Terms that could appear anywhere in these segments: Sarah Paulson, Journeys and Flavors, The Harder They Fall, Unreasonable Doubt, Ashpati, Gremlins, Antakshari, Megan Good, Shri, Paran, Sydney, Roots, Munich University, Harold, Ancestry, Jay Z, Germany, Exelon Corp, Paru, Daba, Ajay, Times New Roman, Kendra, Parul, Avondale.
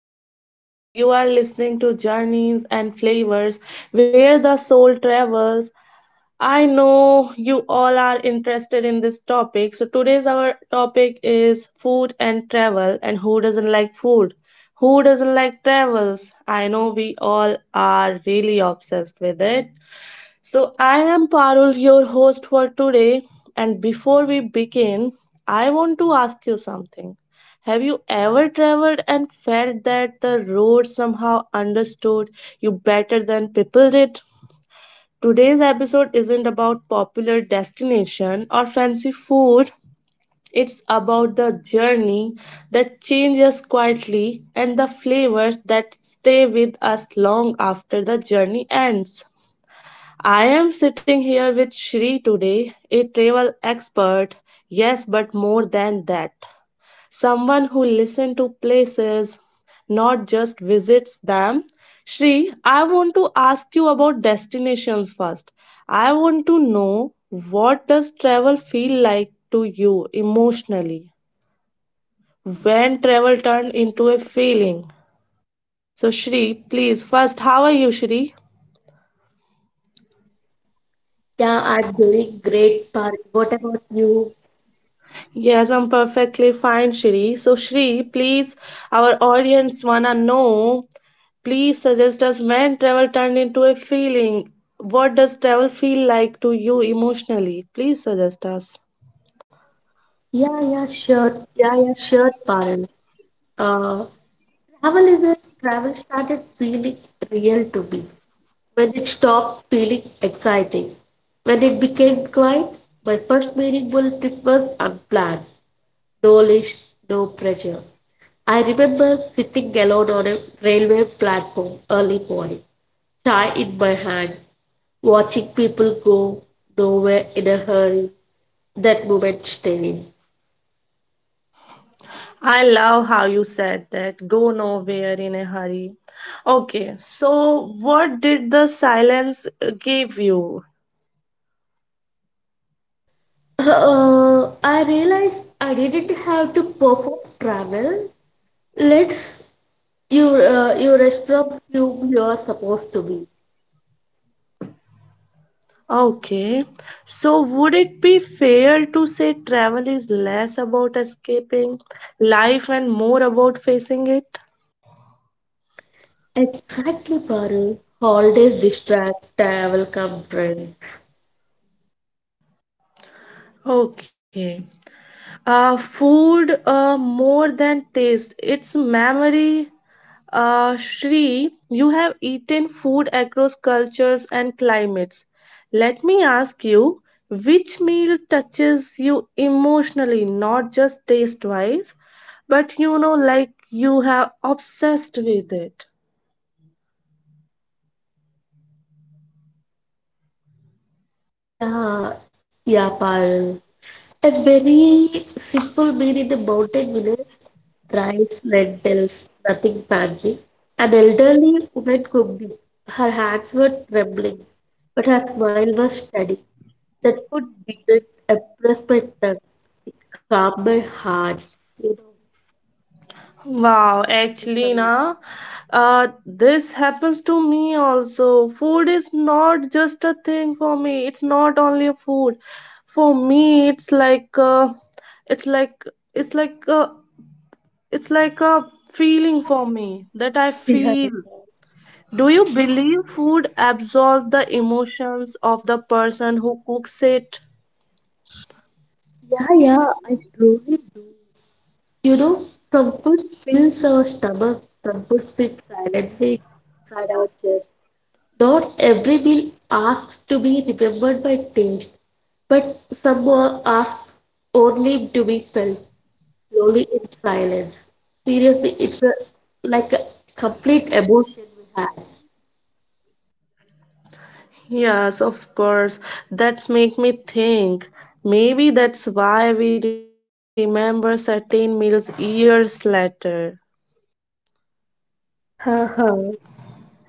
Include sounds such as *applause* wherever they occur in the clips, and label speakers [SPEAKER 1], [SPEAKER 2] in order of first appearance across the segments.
[SPEAKER 1] beautiful souls. You are listening to Journeys and Flavors, where the soul travels. I know you all are interested in this topic. So today's our topic is food and travel, and who doesn't like food? Who doesn't like travels? I know we all are really obsessed with it. So I am Parul, your host for today. And before we begin, I want to ask you something. Have you ever traveled and felt that the road somehow understood you better than people did? Today's episode isn't about popular destination or fancy food. It's about the journey that changes quietly and the flavors that stay with us long after the journey ends. I am sitting here with Shri today, a travel expert, yes, but more than that. Someone who listens to places, not just visits them. Shri, I want to ask you about destinations first. I want to know, what does travel feel like to you emotionally? When travel turned into a feeling? So Shri, please, first, how are you, Shri?
[SPEAKER 2] Yeah, I'm doing great, Paran. What about you?
[SPEAKER 1] Yes, I'm perfectly fine, Shri. So, Shri, please, our audience wanna know. Please suggest us, when travel turned into a feeling. What does travel feel like to you emotionally? Please suggest us.
[SPEAKER 2] Yeah, yeah, sure. Yeah, yeah, sure, Paran. Uh, travel is as travel started feeling real to me when it stopped feeling exciting. When it became quiet, my first meaningful trip was unplanned. No list, no pressure. I remember sitting alone on a railway platform early morning, chai in my hand, watching people go nowhere in a hurry that moment staying.
[SPEAKER 1] I love how you said that. Go nowhere in a hurry. Okay, so what did the silence give you?
[SPEAKER 2] I realized I didn't have to perform travel. Let's you you rest from whom you are supposed to be.
[SPEAKER 1] Okay, so would it be fair to say travel is less about escaping life and more about facing it?
[SPEAKER 2] Exactly, Paru. Holidays distract, travel come trends.
[SPEAKER 1] Okay. Food, more than taste, it's memory. Shri, you have eaten food across cultures and climates. Let me ask you, which meal touches you emotionally, not just taste wise, but you know, like you have obsessed with it?
[SPEAKER 2] Yeah, yeah, Parul. A very simple meal in the mountain village, rice, lentils, nothing fancy. An elderly woman cooked it. Her hands were trembling, but her smile was steady. That food didn't impress my tongue. It calmed my heart. You know, it's
[SPEAKER 1] Wow,
[SPEAKER 2] amazing.
[SPEAKER 1] actually, na, this happens to me also. Food is not just a thing for me. It's not only a food. For me, it's like, it's like, it's like, it's like a feeling for me that I
[SPEAKER 2] Yeah, yeah.
[SPEAKER 1] feel. Do you believe food absorbs the emotions of the person who cooks it?
[SPEAKER 2] Yeah, yeah, I truly do. You know, comfort fills our stomach, comfort sits silently inside our chest. Not every meal asks to be remembered by taste, but some are asked only to be felt slowly in silence. Seriously, it's a, like a complete emotion we had.
[SPEAKER 1] Yes, of course. That's make me think. Maybe that's why we remember certain meals years later.
[SPEAKER 2] Ha ha.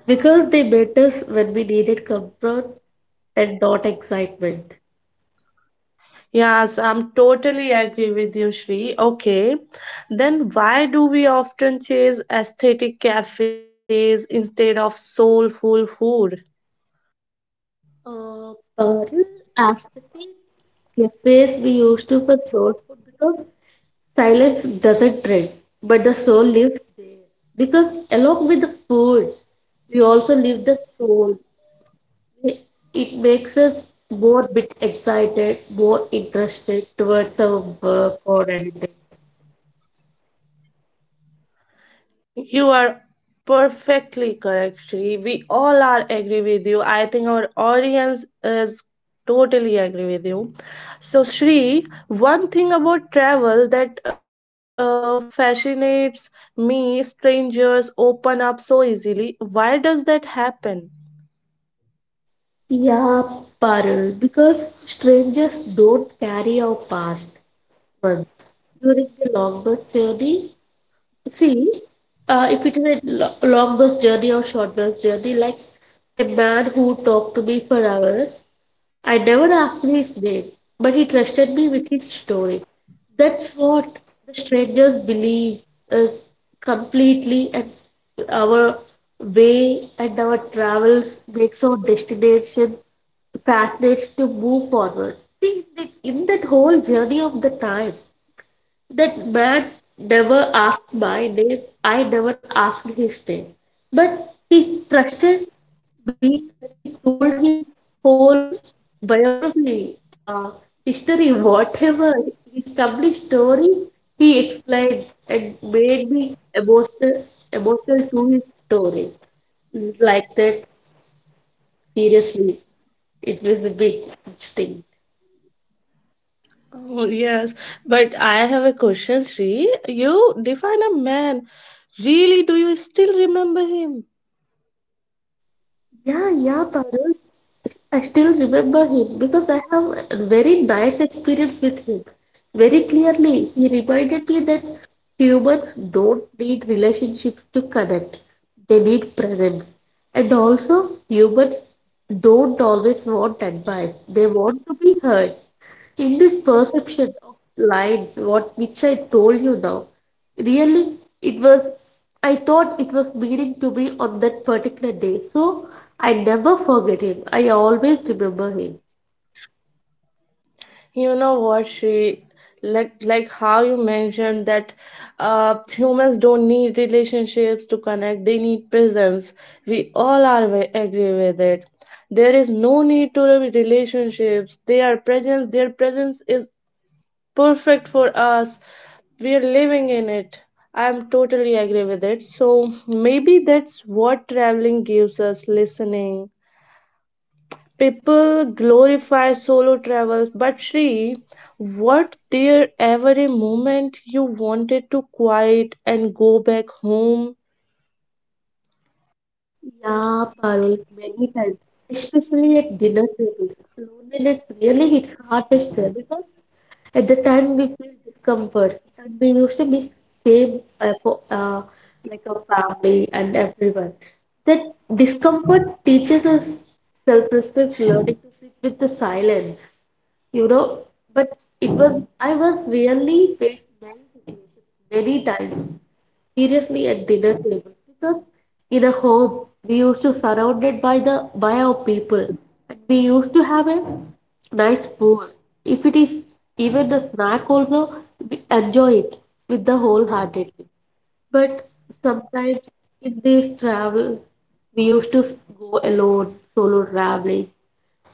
[SPEAKER 2] Because they met us when we needed comfort and not excitement.
[SPEAKER 1] Yes, I'm totally agree with you, Shri. Okay. Then why do we often chase aesthetic cafes instead of soulful food?
[SPEAKER 2] Parul, Ashpati, cafes we used to for soul food because silence doesn't trend, but the soul lives there. Because along with the food, we also live the soul. We- It makes us more bit excited, more interested towards our work or anything.
[SPEAKER 1] You are perfectly correct, Shri. We all are agree with you. I think our audience is totally agree with you. So, Shri, one thing about travel that fascinates me: strangers open up so easily. Why does that happen?
[SPEAKER 2] Yeah, Parul, because strangers don't carry our past months. During the long bus journey, see, if it is a long bus journey or short bus journey, like a man who talked to me for hours, I never asked his name, but he trusted me with his story. That's what the strangers believe is completely, and our way and our travels makes our destination fascinates to move forward. See, in that whole journey of the time. That man never asked my name. I never asked his name. But he trusted me and he told his whole biography, history, whatever, his complete story, he explained and made me emotional, emotional to his story. Like that, seriously, it was a big thing.
[SPEAKER 1] Oh, yes, but I have a question, Shri. You define a man. Really, do you still remember him?
[SPEAKER 2] Yeah, yeah, Parul. I still remember him because I have a very nice experience with him. Very clearly, he reminded me that humans don't need relationships to connect, they need presence. And also, humans don't always want advice, they want to be heard. In this perception of lines, what which I told you now, really it was I thought it was meaning to be on that particular day. So I never forget him. I always remember him.
[SPEAKER 1] You know what, she, like how you mentioned that humans don't need relationships to connect; they need presence. We all are agree with it. There is no need to relationships. They are present. Their presence is perfect for us. We are living in it. I am totally agree with it. So maybe that's what traveling gives us: listening. People glorify solo travels, but Shri, what there ever a moment you wanted to quiet and go back home?
[SPEAKER 2] Yeah, Parul, many times, especially at dinner tables. Loneliness really hits hardest there because at the time we feel discomforts and we used to be same for, like a family and everyone. That discomfort teaches us self-respect, learning to sit with the silence, you know. But it was I was really faced many situations, many times seriously at dinner tables because in a home we used to surrounded by the by our people and we used to have a nice food if it is even a snack also we enjoy it with the wholeheartedly but sometimes in this travel, we used to go alone, solo traveling.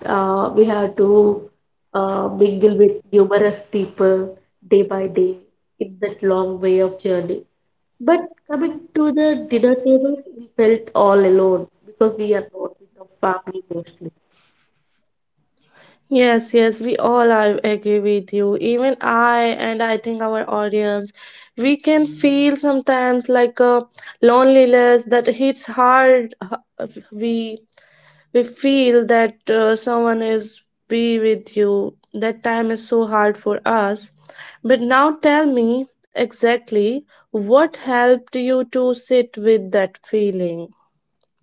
[SPEAKER 2] We had to mingle with numerous people day by day in that long way of journey. But coming to the dinner tables, we felt all alone because we are not with our family mostly.
[SPEAKER 1] Yes, yes, we all are agree with you. Even I and I think our audience, we can feel sometimes like a loneliness that hits hard. We we feel that someone is be with you, that time is so hard for us, but now tell me exactly what helped you to sit with that feeling.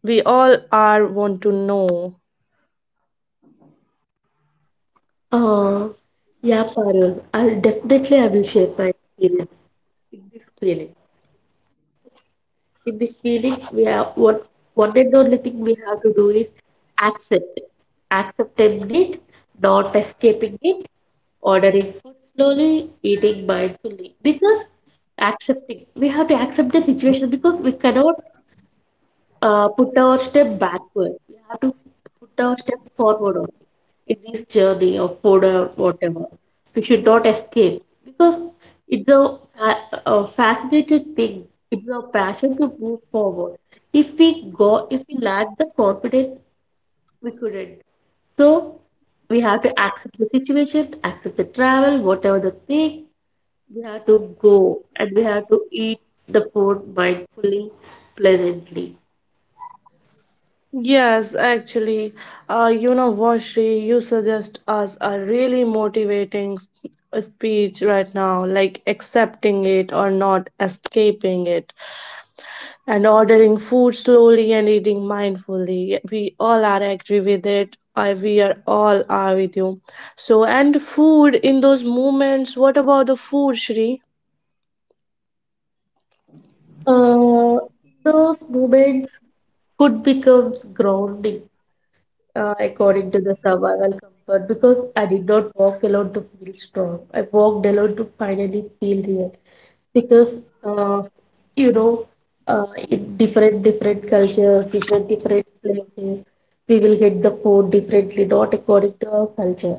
[SPEAKER 1] We all are want to know.
[SPEAKER 2] Uh, yeah, Parul, I'll definitely I will share my experience in this feeling. In this feeling, we have what one and only thing we have to do is accept, accepting it, not escaping it, ordering food slowly, eating mindfully. Because accepting, we have to accept the situation because we cannot put our step backward. We have to put our step forward only in this journey of food or whatever. We should not escape because it's a, a fascinating thing. It's a passion to move forward. If we go, if we lack the confidence, we couldn't. So we have to accept the situation, accept the travel, whatever the thing. We have to go and we have to eat the food mindfully, pleasantly.
[SPEAKER 1] Yes, actually, you know, Vashri, you suggest us a really motivating speech right now, like accepting it or not escaping it, and ordering food slowly and eating mindfully. We all are agree with it. We are all are with you. So, and food in those moments. What about the food, Shri?
[SPEAKER 2] Uh, those moments food becomes grounding according to the survival comfort because I did not walk alone to feel strong. I walked alone to finally feel real because uh, you know in different different cultures, different different places, we will get the food differently, not according to our culture.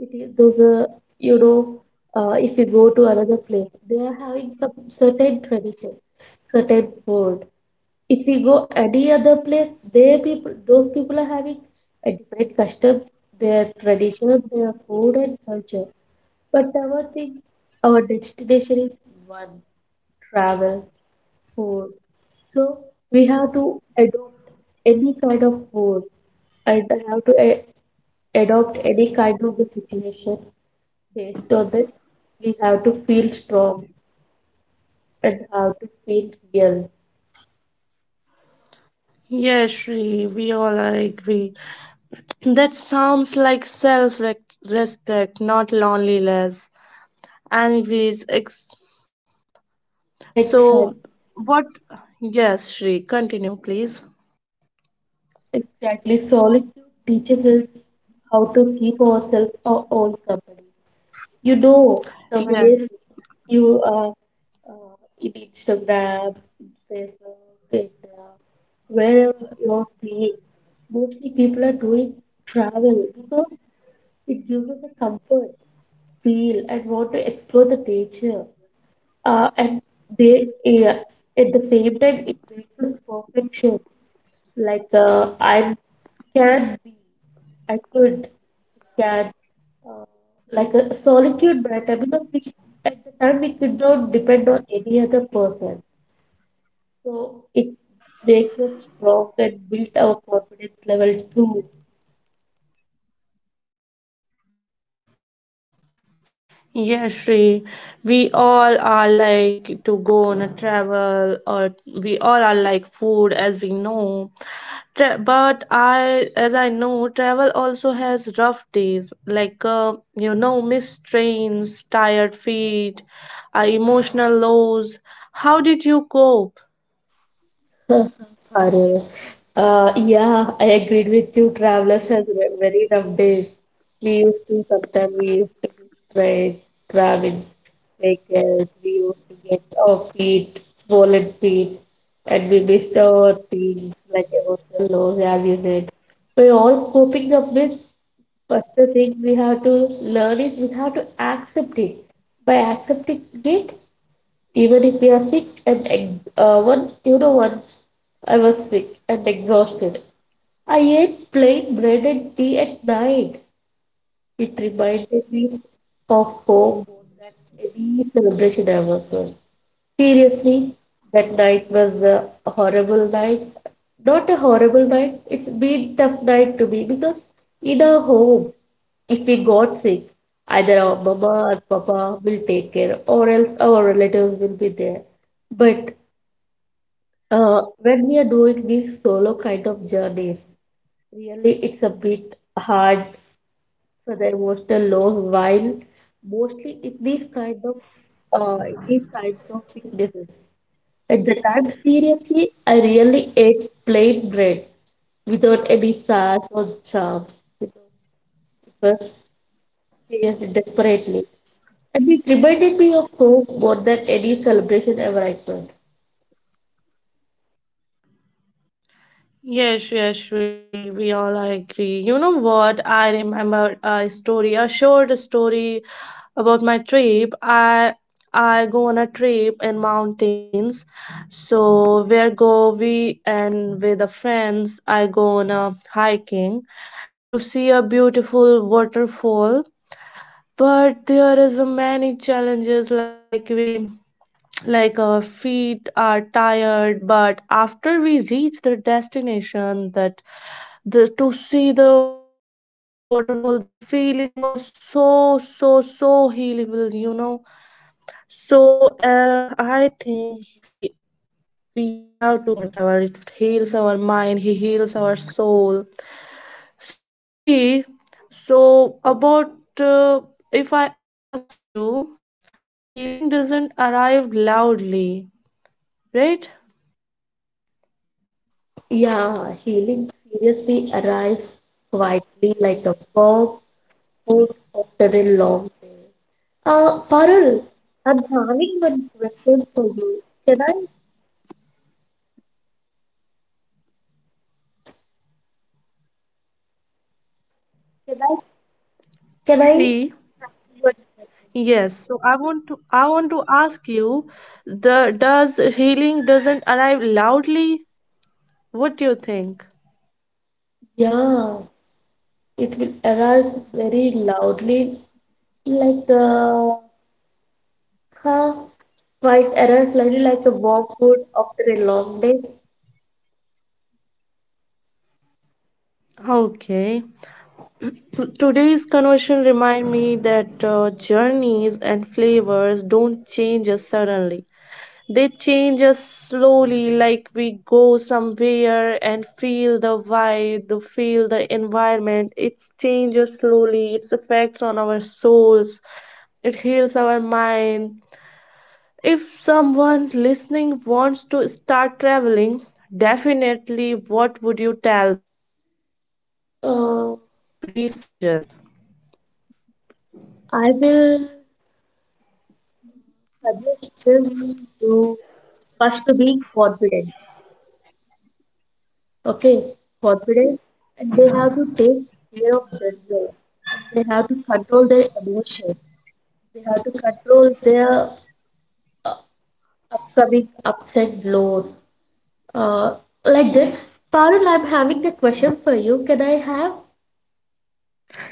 [SPEAKER 2] It is those you know if you go to another place, they are having some certain tradition, certain food if we go any other place, they people, those people are having a different customs, their tradition, their food and culture. But our thing, our destination is one, travel, food. So we have to adopt any kind of food and have to adopt any kind of the situation based on that. We have to feel strong and have to feel real.
[SPEAKER 1] Yes, Shri. We all are agree. That sounds like self respect, not loneliness. Anyways, so
[SPEAKER 2] Exactly.
[SPEAKER 1] what? Yes, Shri. Continue, please.
[SPEAKER 2] Exactly. Solitude teaches us how to keep ourselves our own company. You know,
[SPEAKER 1] Yes.
[SPEAKER 2] nowadays you uh, in Instagram, in Facebook, and wherever you're seeing, mostly people are doing travel because it gives us a comfort, feel, and want to explore the nature. And they, uh, at the same time, it makes us perfection like I can be, I could, can, uh, like a solitude better because we, at the time we could not depend on any other person. So it makes us strong and build our confidence level too.
[SPEAKER 1] Yes, Shri, we all are like to go on a travel, or we all are like food, as we know. But I, as I know, travel also has rough days, like you know, missed trains, tired feet, emotional lows. How did you cope?
[SPEAKER 2] Horror. Yeah, I agreed with you. Travelers has very rough days. We used to sometimes we used to be straight, traveling vehicles. We used to get our feet, swollen feet, and we missed our things like emotional lows, as you said. We're all coping up with first thing we have to learn is we have to accept it. By accepting it, even if we are sick and once you know once I was sick and exhausted. I ate plain bread and tea at night. It reminded me of home more than any celebration ever was. Seriously, that night was a horrible night. Not a horrible night, it's been tough night to me because in our home, if we got sick, either our mama or papa will take care, or else our relatives will be there. But when we are doing these solo kind of journeys, really it's a bit hard for the emotional low while mostly in these kind of in these kinds of sicknesses. At the time, seriously, I really ate plain bread without any sauce or charm. You know, it was seriously desperately. And it reminded me of home more than any celebration ever I could.
[SPEAKER 1] Yes, yes, Shri, we all are agree. You know what? I remember a story, a short story about my trip. I go on a trip in mountains. So where go we, and with the friends I go on a hiking to see a beautiful waterfall. But there is a many challenges, like we, like our feet are tired, but after we reach the destination, the to see the beautiful waterfall, the feeling was so so so healable, you know. So I think we have to go on a travel. It heals our mind, he heals our soul. So Shri, so about, uh, if I ask you, so healing doesn't arrive loudly, right,
[SPEAKER 2] Yeah, healing seriously arrives quietly like a warm food after a long day. Parul, I'm having one question for you. Can I, can I? One
[SPEAKER 1] Shri?
[SPEAKER 2] question.
[SPEAKER 1] Yes, so I want to ask you, the does healing doesn't arrive loudly? What do you think?
[SPEAKER 2] Yeah. It will errors very loudly, like huh, quite errors slightly like a warm food after a long day.
[SPEAKER 1] Okay. Today's conversation remind me that journeys and flavors don't change us suddenly. They change us slowly, like we go somewhere and feel the vibe, the feel the environment. It changes slowly. Its effects on our souls. It heals our mind. If someone listening wants to start traveling, definitely what would you tell them, Shri? Please
[SPEAKER 2] Uh,
[SPEAKER 1] suggest.
[SPEAKER 2] I will suggest them to first to be confident. Okay, confident, and they have to take care of themselves, and they have to control their emotion. They have to control their upcoming ups and lows. uh, like that. Parul, I'm having a question for you. Can I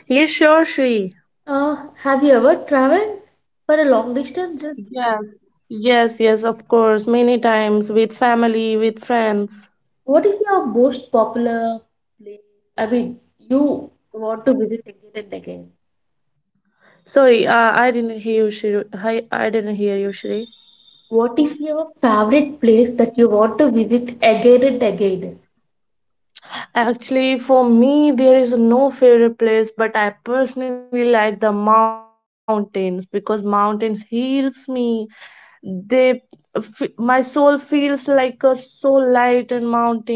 [SPEAKER 1] Yes, sure, Shri.
[SPEAKER 2] uh, have you ever traveled for a long distance?
[SPEAKER 1] Yes. Yes, yes, of course. Many times with family, with friends.
[SPEAKER 2] What is your most popular place? I mean, you want to visit again and again.
[SPEAKER 1] Sorry, I didn't hear you, Shri. I didn't hear you, Shri.
[SPEAKER 2] What is your favorite place that you want to visit again and again?
[SPEAKER 1] Actually, for me, there is no favorite place, but I personally like the mountains because mountains heals me. they my soul feels like a so light in mountains.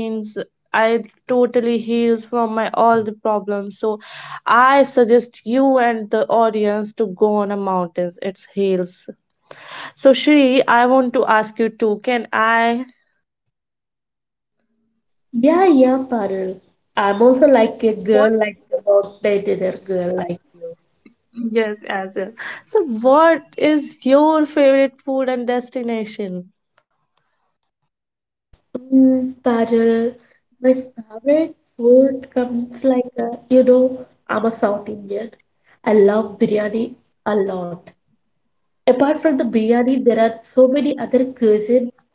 [SPEAKER 1] I totally heals from my all the problems. So I suggest you and the audience to go on a mountains, it heals. So Shri, I want to ask you too, can I?
[SPEAKER 2] Yeah, yeah, Parul. I'm also like a
[SPEAKER 1] What?
[SPEAKER 2] girl, like about the dinner girl, like you.
[SPEAKER 1] Yes, as well. So what is your favorite food and destination?
[SPEAKER 2] Mm, Parul, my favorite food comes like you know, I'm a South Indian. I love biryani a lot. Apart from the biryani, there are so many other cuisines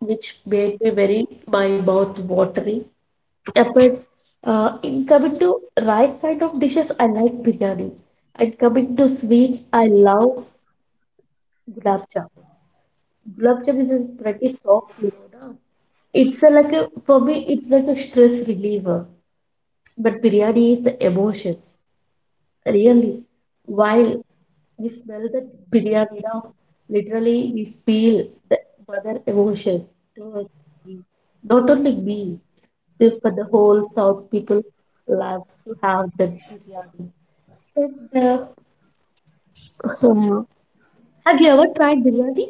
[SPEAKER 2] which made me very my mouth watery. Apart, in coming to rice kind of dishes, I like biryani. And coming to sweets, I love gulab jamun. Gulab jamun is pretty soft, you know. Na? It's a, like a, for me, it's like a stress reliever. But biryani is the emotion, really. While we smell the biryani now, literally we feel the mother emotion towards me. Not only me, this for the whole South people love to have that biryani. And, *laughs* um, have you ever tried biryani?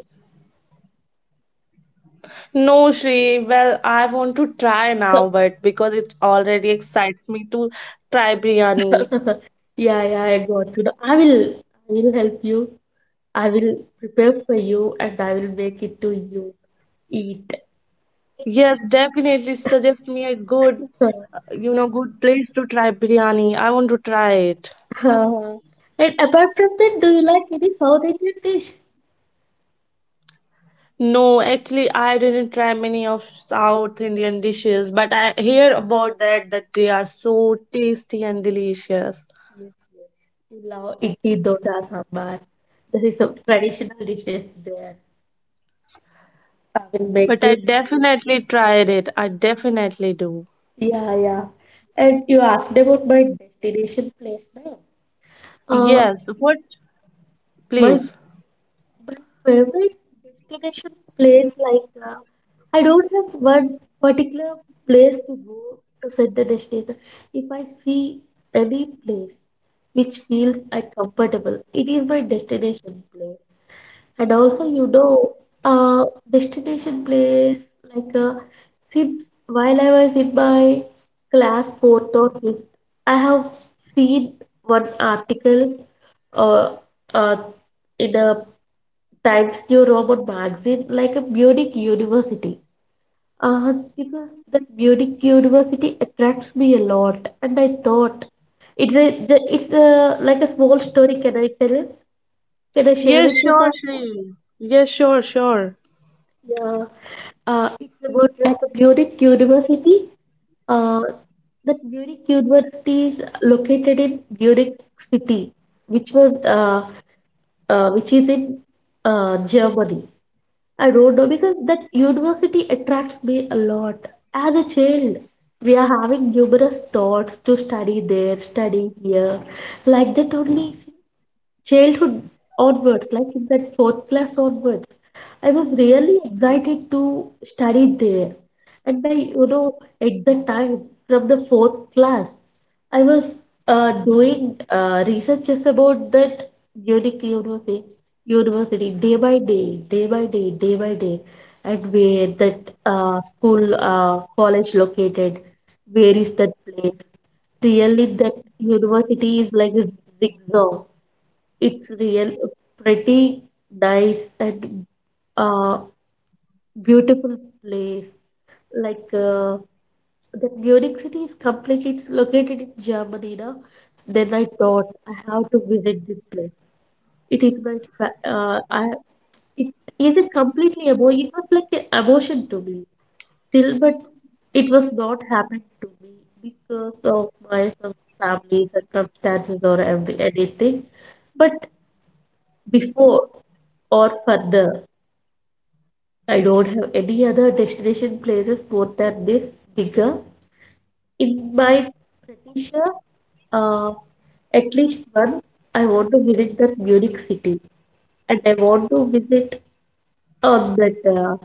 [SPEAKER 1] No, Shri. Well, I want to try now, but because it already excites me to try biryani.
[SPEAKER 2] *laughs* Yeah, yeah, I got you. I will help you. I will prepare for you, and I will make it to you. Eat.
[SPEAKER 1] Yes, definitely suggest me a good,
[SPEAKER 2] *laughs*
[SPEAKER 1] you know, good place to try biryani. I want to try it.
[SPEAKER 2] So, and apart from that, do you like any South Indian dish?
[SPEAKER 1] No, actually, I didn't try many of South Indian dishes, but I hear about that that they are so tasty and delicious.
[SPEAKER 2] Yes, yes. You love idli, dosa, sambar. This is some traditional dishes there. I will make
[SPEAKER 1] But I
[SPEAKER 2] you.
[SPEAKER 1] definitely tried it. I definitely do.
[SPEAKER 2] Yeah, yeah. And you asked about my destination place, ma'am. Uh,
[SPEAKER 1] Yes, what?
[SPEAKER 2] my
[SPEAKER 1] Please.
[SPEAKER 2] My favorite destination place, like I don't have one particular place to go to set the destination. If I see any place which feels I comfortable, it is my destination place. And also, destination place like uh, since while I was in my class fourth or fifth, I have seen one article uh, uh, in a Times New Roman magazine like a Munich University. Because that Munich University attracts me a lot, and I thought it's a like a small story. Can I tell it? Can I share
[SPEAKER 1] Yes,
[SPEAKER 2] with you,
[SPEAKER 1] sure,
[SPEAKER 2] part?
[SPEAKER 1] Shree. Yes, sure, sure.
[SPEAKER 2] Yeah. It's about like a Munich University. Uh, that Munich University is located in Munich City, which was which is in Germany. I don't know because that university attracts me a lot. As a child, we are having numerous thoughts to study there, study here. Like that only childhood onwards, like in that fourth class onwards, I was really excited to study there. And I, you know, at the time from the fourth class, I was doing researches about that unique university, university day by day, day by day, day by day, and where that school, college located, where is that place? Really, that university is like a zigzag, it's real pretty nice and uh, beautiful place. Like uh, the Munich city is completely it's located in Germany now. Then I thought I have to visit this place. It is my fa- I it is a completely emo it was like an emotion to me till but it was not happening to me because of my some family circumstances or every anything but before or further, I don't have any other destination places more than this bigger. In my pretty sure, uh, at least once, I want to visit that Munich city, and I want to visit on that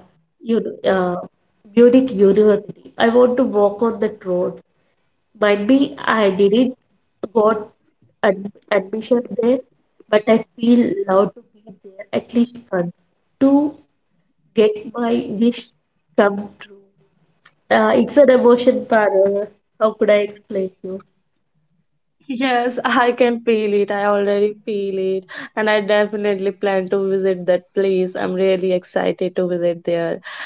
[SPEAKER 2] you know, uh, Munich University. I want to walk on that road. Might be I didn't got ad admission there, but I feel allowed to be there at least once. Two get my wish come true. It's an emotion parallel. How could I explain you?
[SPEAKER 1] Yes, I can feel it. I already feel it. And I definitely plan to visit that place. I'm really excited to visit there.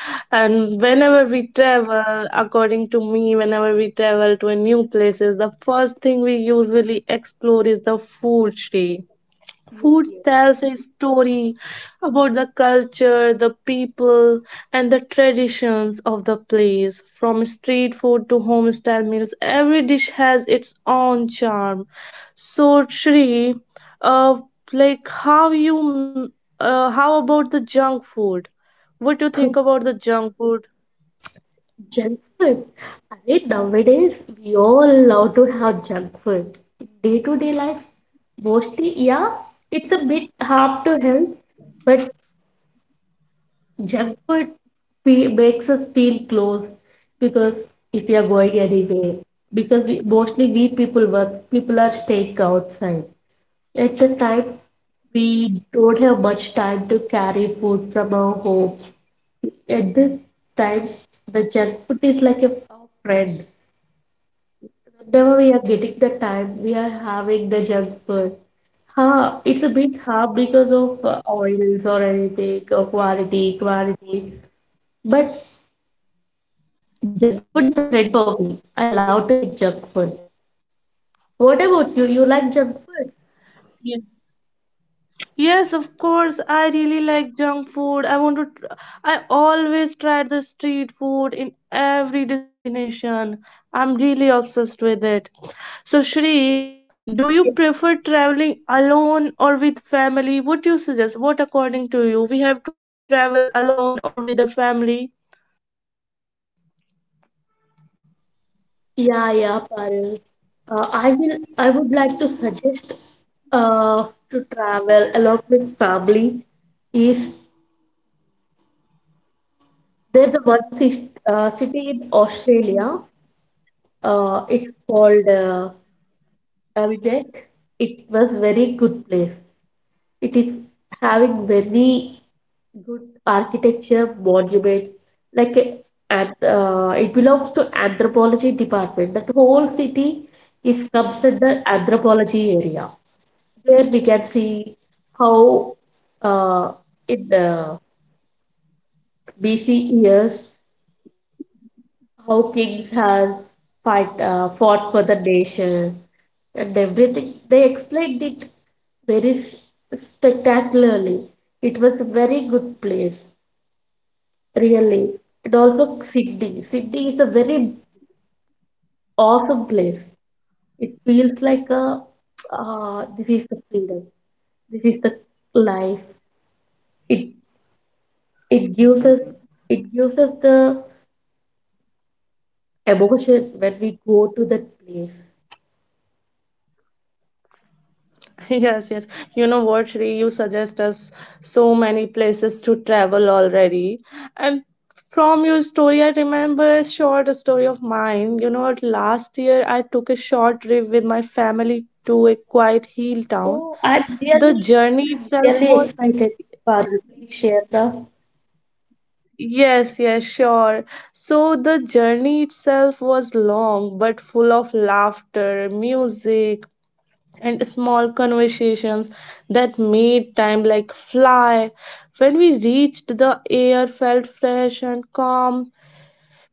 [SPEAKER 1] And whenever we travel, according to me, whenever we travel to a new places, the first thing we usually explore is the food, Shree.
[SPEAKER 2] Yes,
[SPEAKER 1] Food
[SPEAKER 2] yes.
[SPEAKER 1] tells a story about the culture, the people, and the traditions of the place. From street food to homestyle meals, every dish has its own charm. So, Shri, uh, like how you, how about the junk food? What do you think about the junk food?
[SPEAKER 2] *laughs* Junk food. I mean, nowadays we all love to have junk food. Day to day life, mostly, yeah, it's a bit harm to health, but junk food fe makes us feel close because if we are going anywhere, because we, mostly we people work, people are staying outside. At the time, we don't have much time to carry food from our homes. At this time, the junk food is like a friend. Whenever we are getting the time, we are having the junk food. Ha, it's a bit hard because of oils or anything, or quality. But junk food is a friend for me. I love to eat junk food. What about you? You like junk food?
[SPEAKER 1] Yeah. Yes, of course. I really like junk food. I want to. I always try the street food in every destination. I'm really obsessed with it. So, Shri, do you prefer traveling alone or with family? What do you suggest? What, according to you, we have to travel alone or with the family?
[SPEAKER 2] Yeah, yeah, Paril. I will. I would like to suggest to travel along with family. Is there's a one city, city in Australia. It's called Avondale. It was very good place. It is having very good architecture monuments. Like uh, and it belongs to anthropology department. That whole city is comes under anthropology area. There we can see how uh, in the BC years how kings had fight fought for the nation and everything. They explained it very s- spectacularly. It was a very good place, really. And also Sydney. Sydney is a very awesome place. It feels like a *tsk* this is the freedom. This is the life. It It gives us it gives us the emotion when we go to that place.
[SPEAKER 1] *laughs* Yes, yes. You know what, Shri, you suggest us so many places to travel already. And from your story, I remember a short story of mine. You know what, last year I took a short trip with my family to a quiet hill town.
[SPEAKER 2] Oh, I'm
[SPEAKER 1] The
[SPEAKER 2] really
[SPEAKER 1] journey itself
[SPEAKER 2] really
[SPEAKER 1] was—
[SPEAKER 2] excited, Parul. Please share the.
[SPEAKER 1] Yes, yes, sure. So the journey itself was long but full of laughter, music, and small conversations that made time like fly. When we reached, the air felt fresh and calm.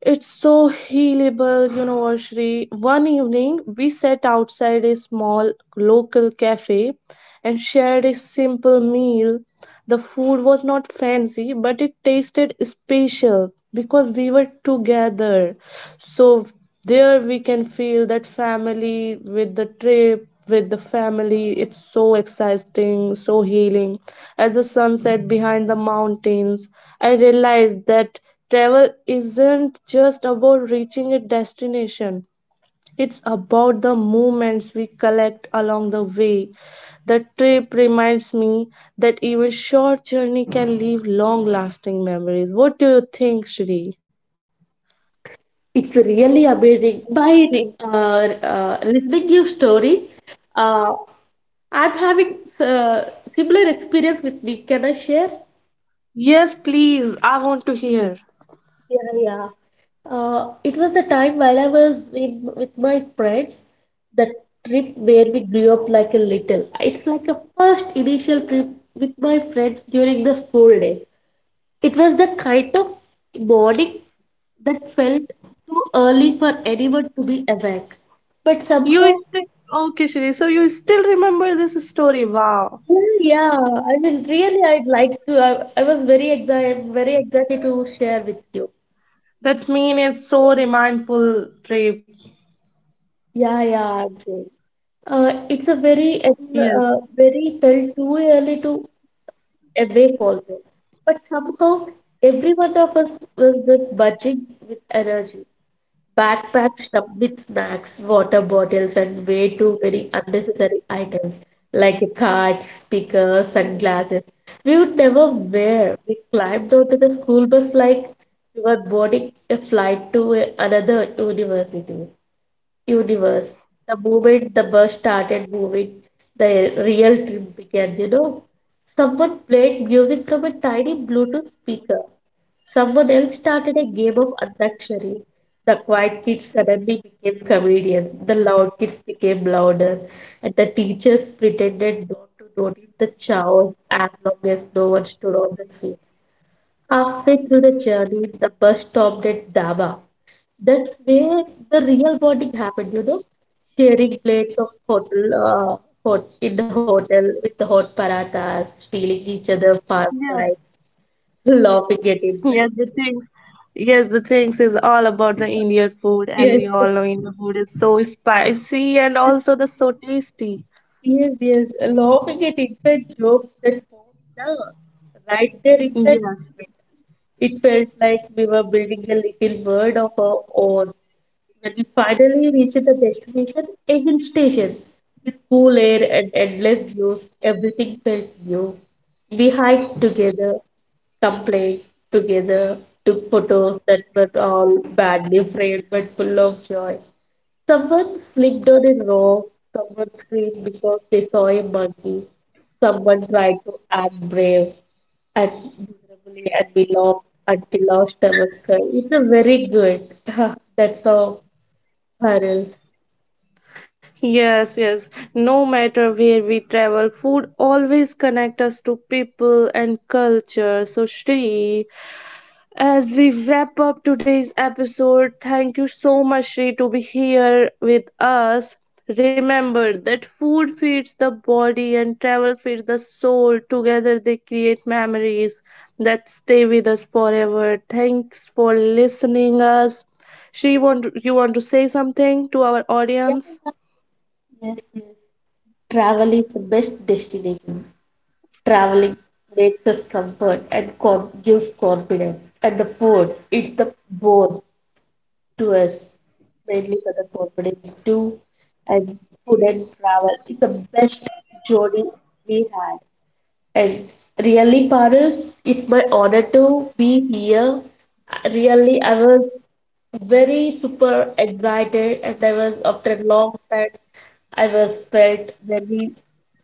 [SPEAKER 1] It's so healable, you know, Ashri. One evening, we sat outside a small local cafe and shared a simple meal. The food was not fancy, but it tasted special because we were together. So there we can feel that family with the trip, with the family. It's so exciting, so healing. As the sun set behind the mountains, I realized that travel isn't just about reaching a destination. It's about the moments we collect along the way. The trip reminds me that even short journey can leave long lasting memories. What do you think, Shri?
[SPEAKER 2] It's really amazing. By uh, listening your story, uh, I'm having similar experience with me. Can I share?
[SPEAKER 1] Yes, please. I want to hear.
[SPEAKER 2] Yeah, yeah. It was a time while I was in with my friends, the trip where we grew up like a little. It's like a first initial trip with my friends during the school day. It was the kind of morning that felt too early for anyone to be awake. But
[SPEAKER 1] You
[SPEAKER 2] somehow,
[SPEAKER 1] still okay, Shri? So you still remember this story? Wow,
[SPEAKER 2] yeah, yeah, I mean, really, I'd like to. I was very excited to share with you.
[SPEAKER 1] that mean it's so remindful trip.
[SPEAKER 2] Yeah, yeah, Ajay.
[SPEAKER 1] Yes,
[SPEAKER 2] Very felt too early to awake also. But somehow, every one of us was with budging with energy, backpacks stuffed with snacks, water bottles, and way too many unnecessary items like a cart, speaker, sunglasses. We would never wear. We climbed onto the school bus like we were boarding a flight to another university universe. The moment the bus started moving, the real trip began, you know. Someone played music from a tiny Bluetooth speaker. Someone else started a game of Antakshari. The quiet kids suddenly became comedians. The loud kids became louder. And the teachers pretended not to notice the chaos as long as no one stood on the scene. Halfway through the journey, the bus stopped at Daba. That's where the real bonding happened, you know, sharing plates of hot in the hotel with the hot parathas, stealing each other
[SPEAKER 1] yes,
[SPEAKER 2] far fries, laughing at
[SPEAKER 1] yes. The
[SPEAKER 2] inside.
[SPEAKER 1] things, yes, the things is all about the
[SPEAKER 2] *laughs*
[SPEAKER 1] Indian food, and we
[SPEAKER 2] Yes.
[SPEAKER 1] all know Indian food is so spicy and also the so tasty.
[SPEAKER 2] Yes, yes, laughing at inside jokes that formed the right there in that
[SPEAKER 1] Yes.
[SPEAKER 2] moment. It felt like we were building a little world of our own. When we finally reached the destination, a hill station, with cool air and endless views, everything felt new. We hiked together, complained together, took photos that were all badly framed but full of joy. Someone slipped on a rock, someone screamed because they saw a monkey, someone tried to act brave and miserably, and we laughed until lost ourselves. It's a very good. *laughs* That's all, Harold.
[SPEAKER 1] Yes, yes. No matter where we travel, food always connect us to people and culture. So, Shri, as we wrap up today's episode, thank you so much, Shri, to be here with us. Remember that food feeds the body and travel feeds the soul. Together, they create memories that stay with us forever. Thanks for listening us. Shri, want you want to say something to our
[SPEAKER 2] Yeah,
[SPEAKER 1] audience?
[SPEAKER 2] yeah, yes, yes. Travel is the best destination. Traveling makes us comfort and gives confidence. And the food, it's the bone. To us, mainly for the corporates too, and food and travel is the best journey we had. And really, Parul, it's my honor to be here. Really, I was very super excited, and I was after a long time, I was felt very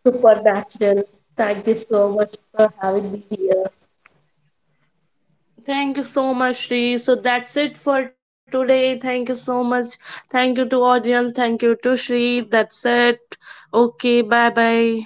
[SPEAKER 2] supernatural. Thank you so much for having me here.
[SPEAKER 1] Thank you so much, Shri. So that's it for today. Thank you so much. Thank you to audience. Thank you to Shri. That's it. Okay, bye bye.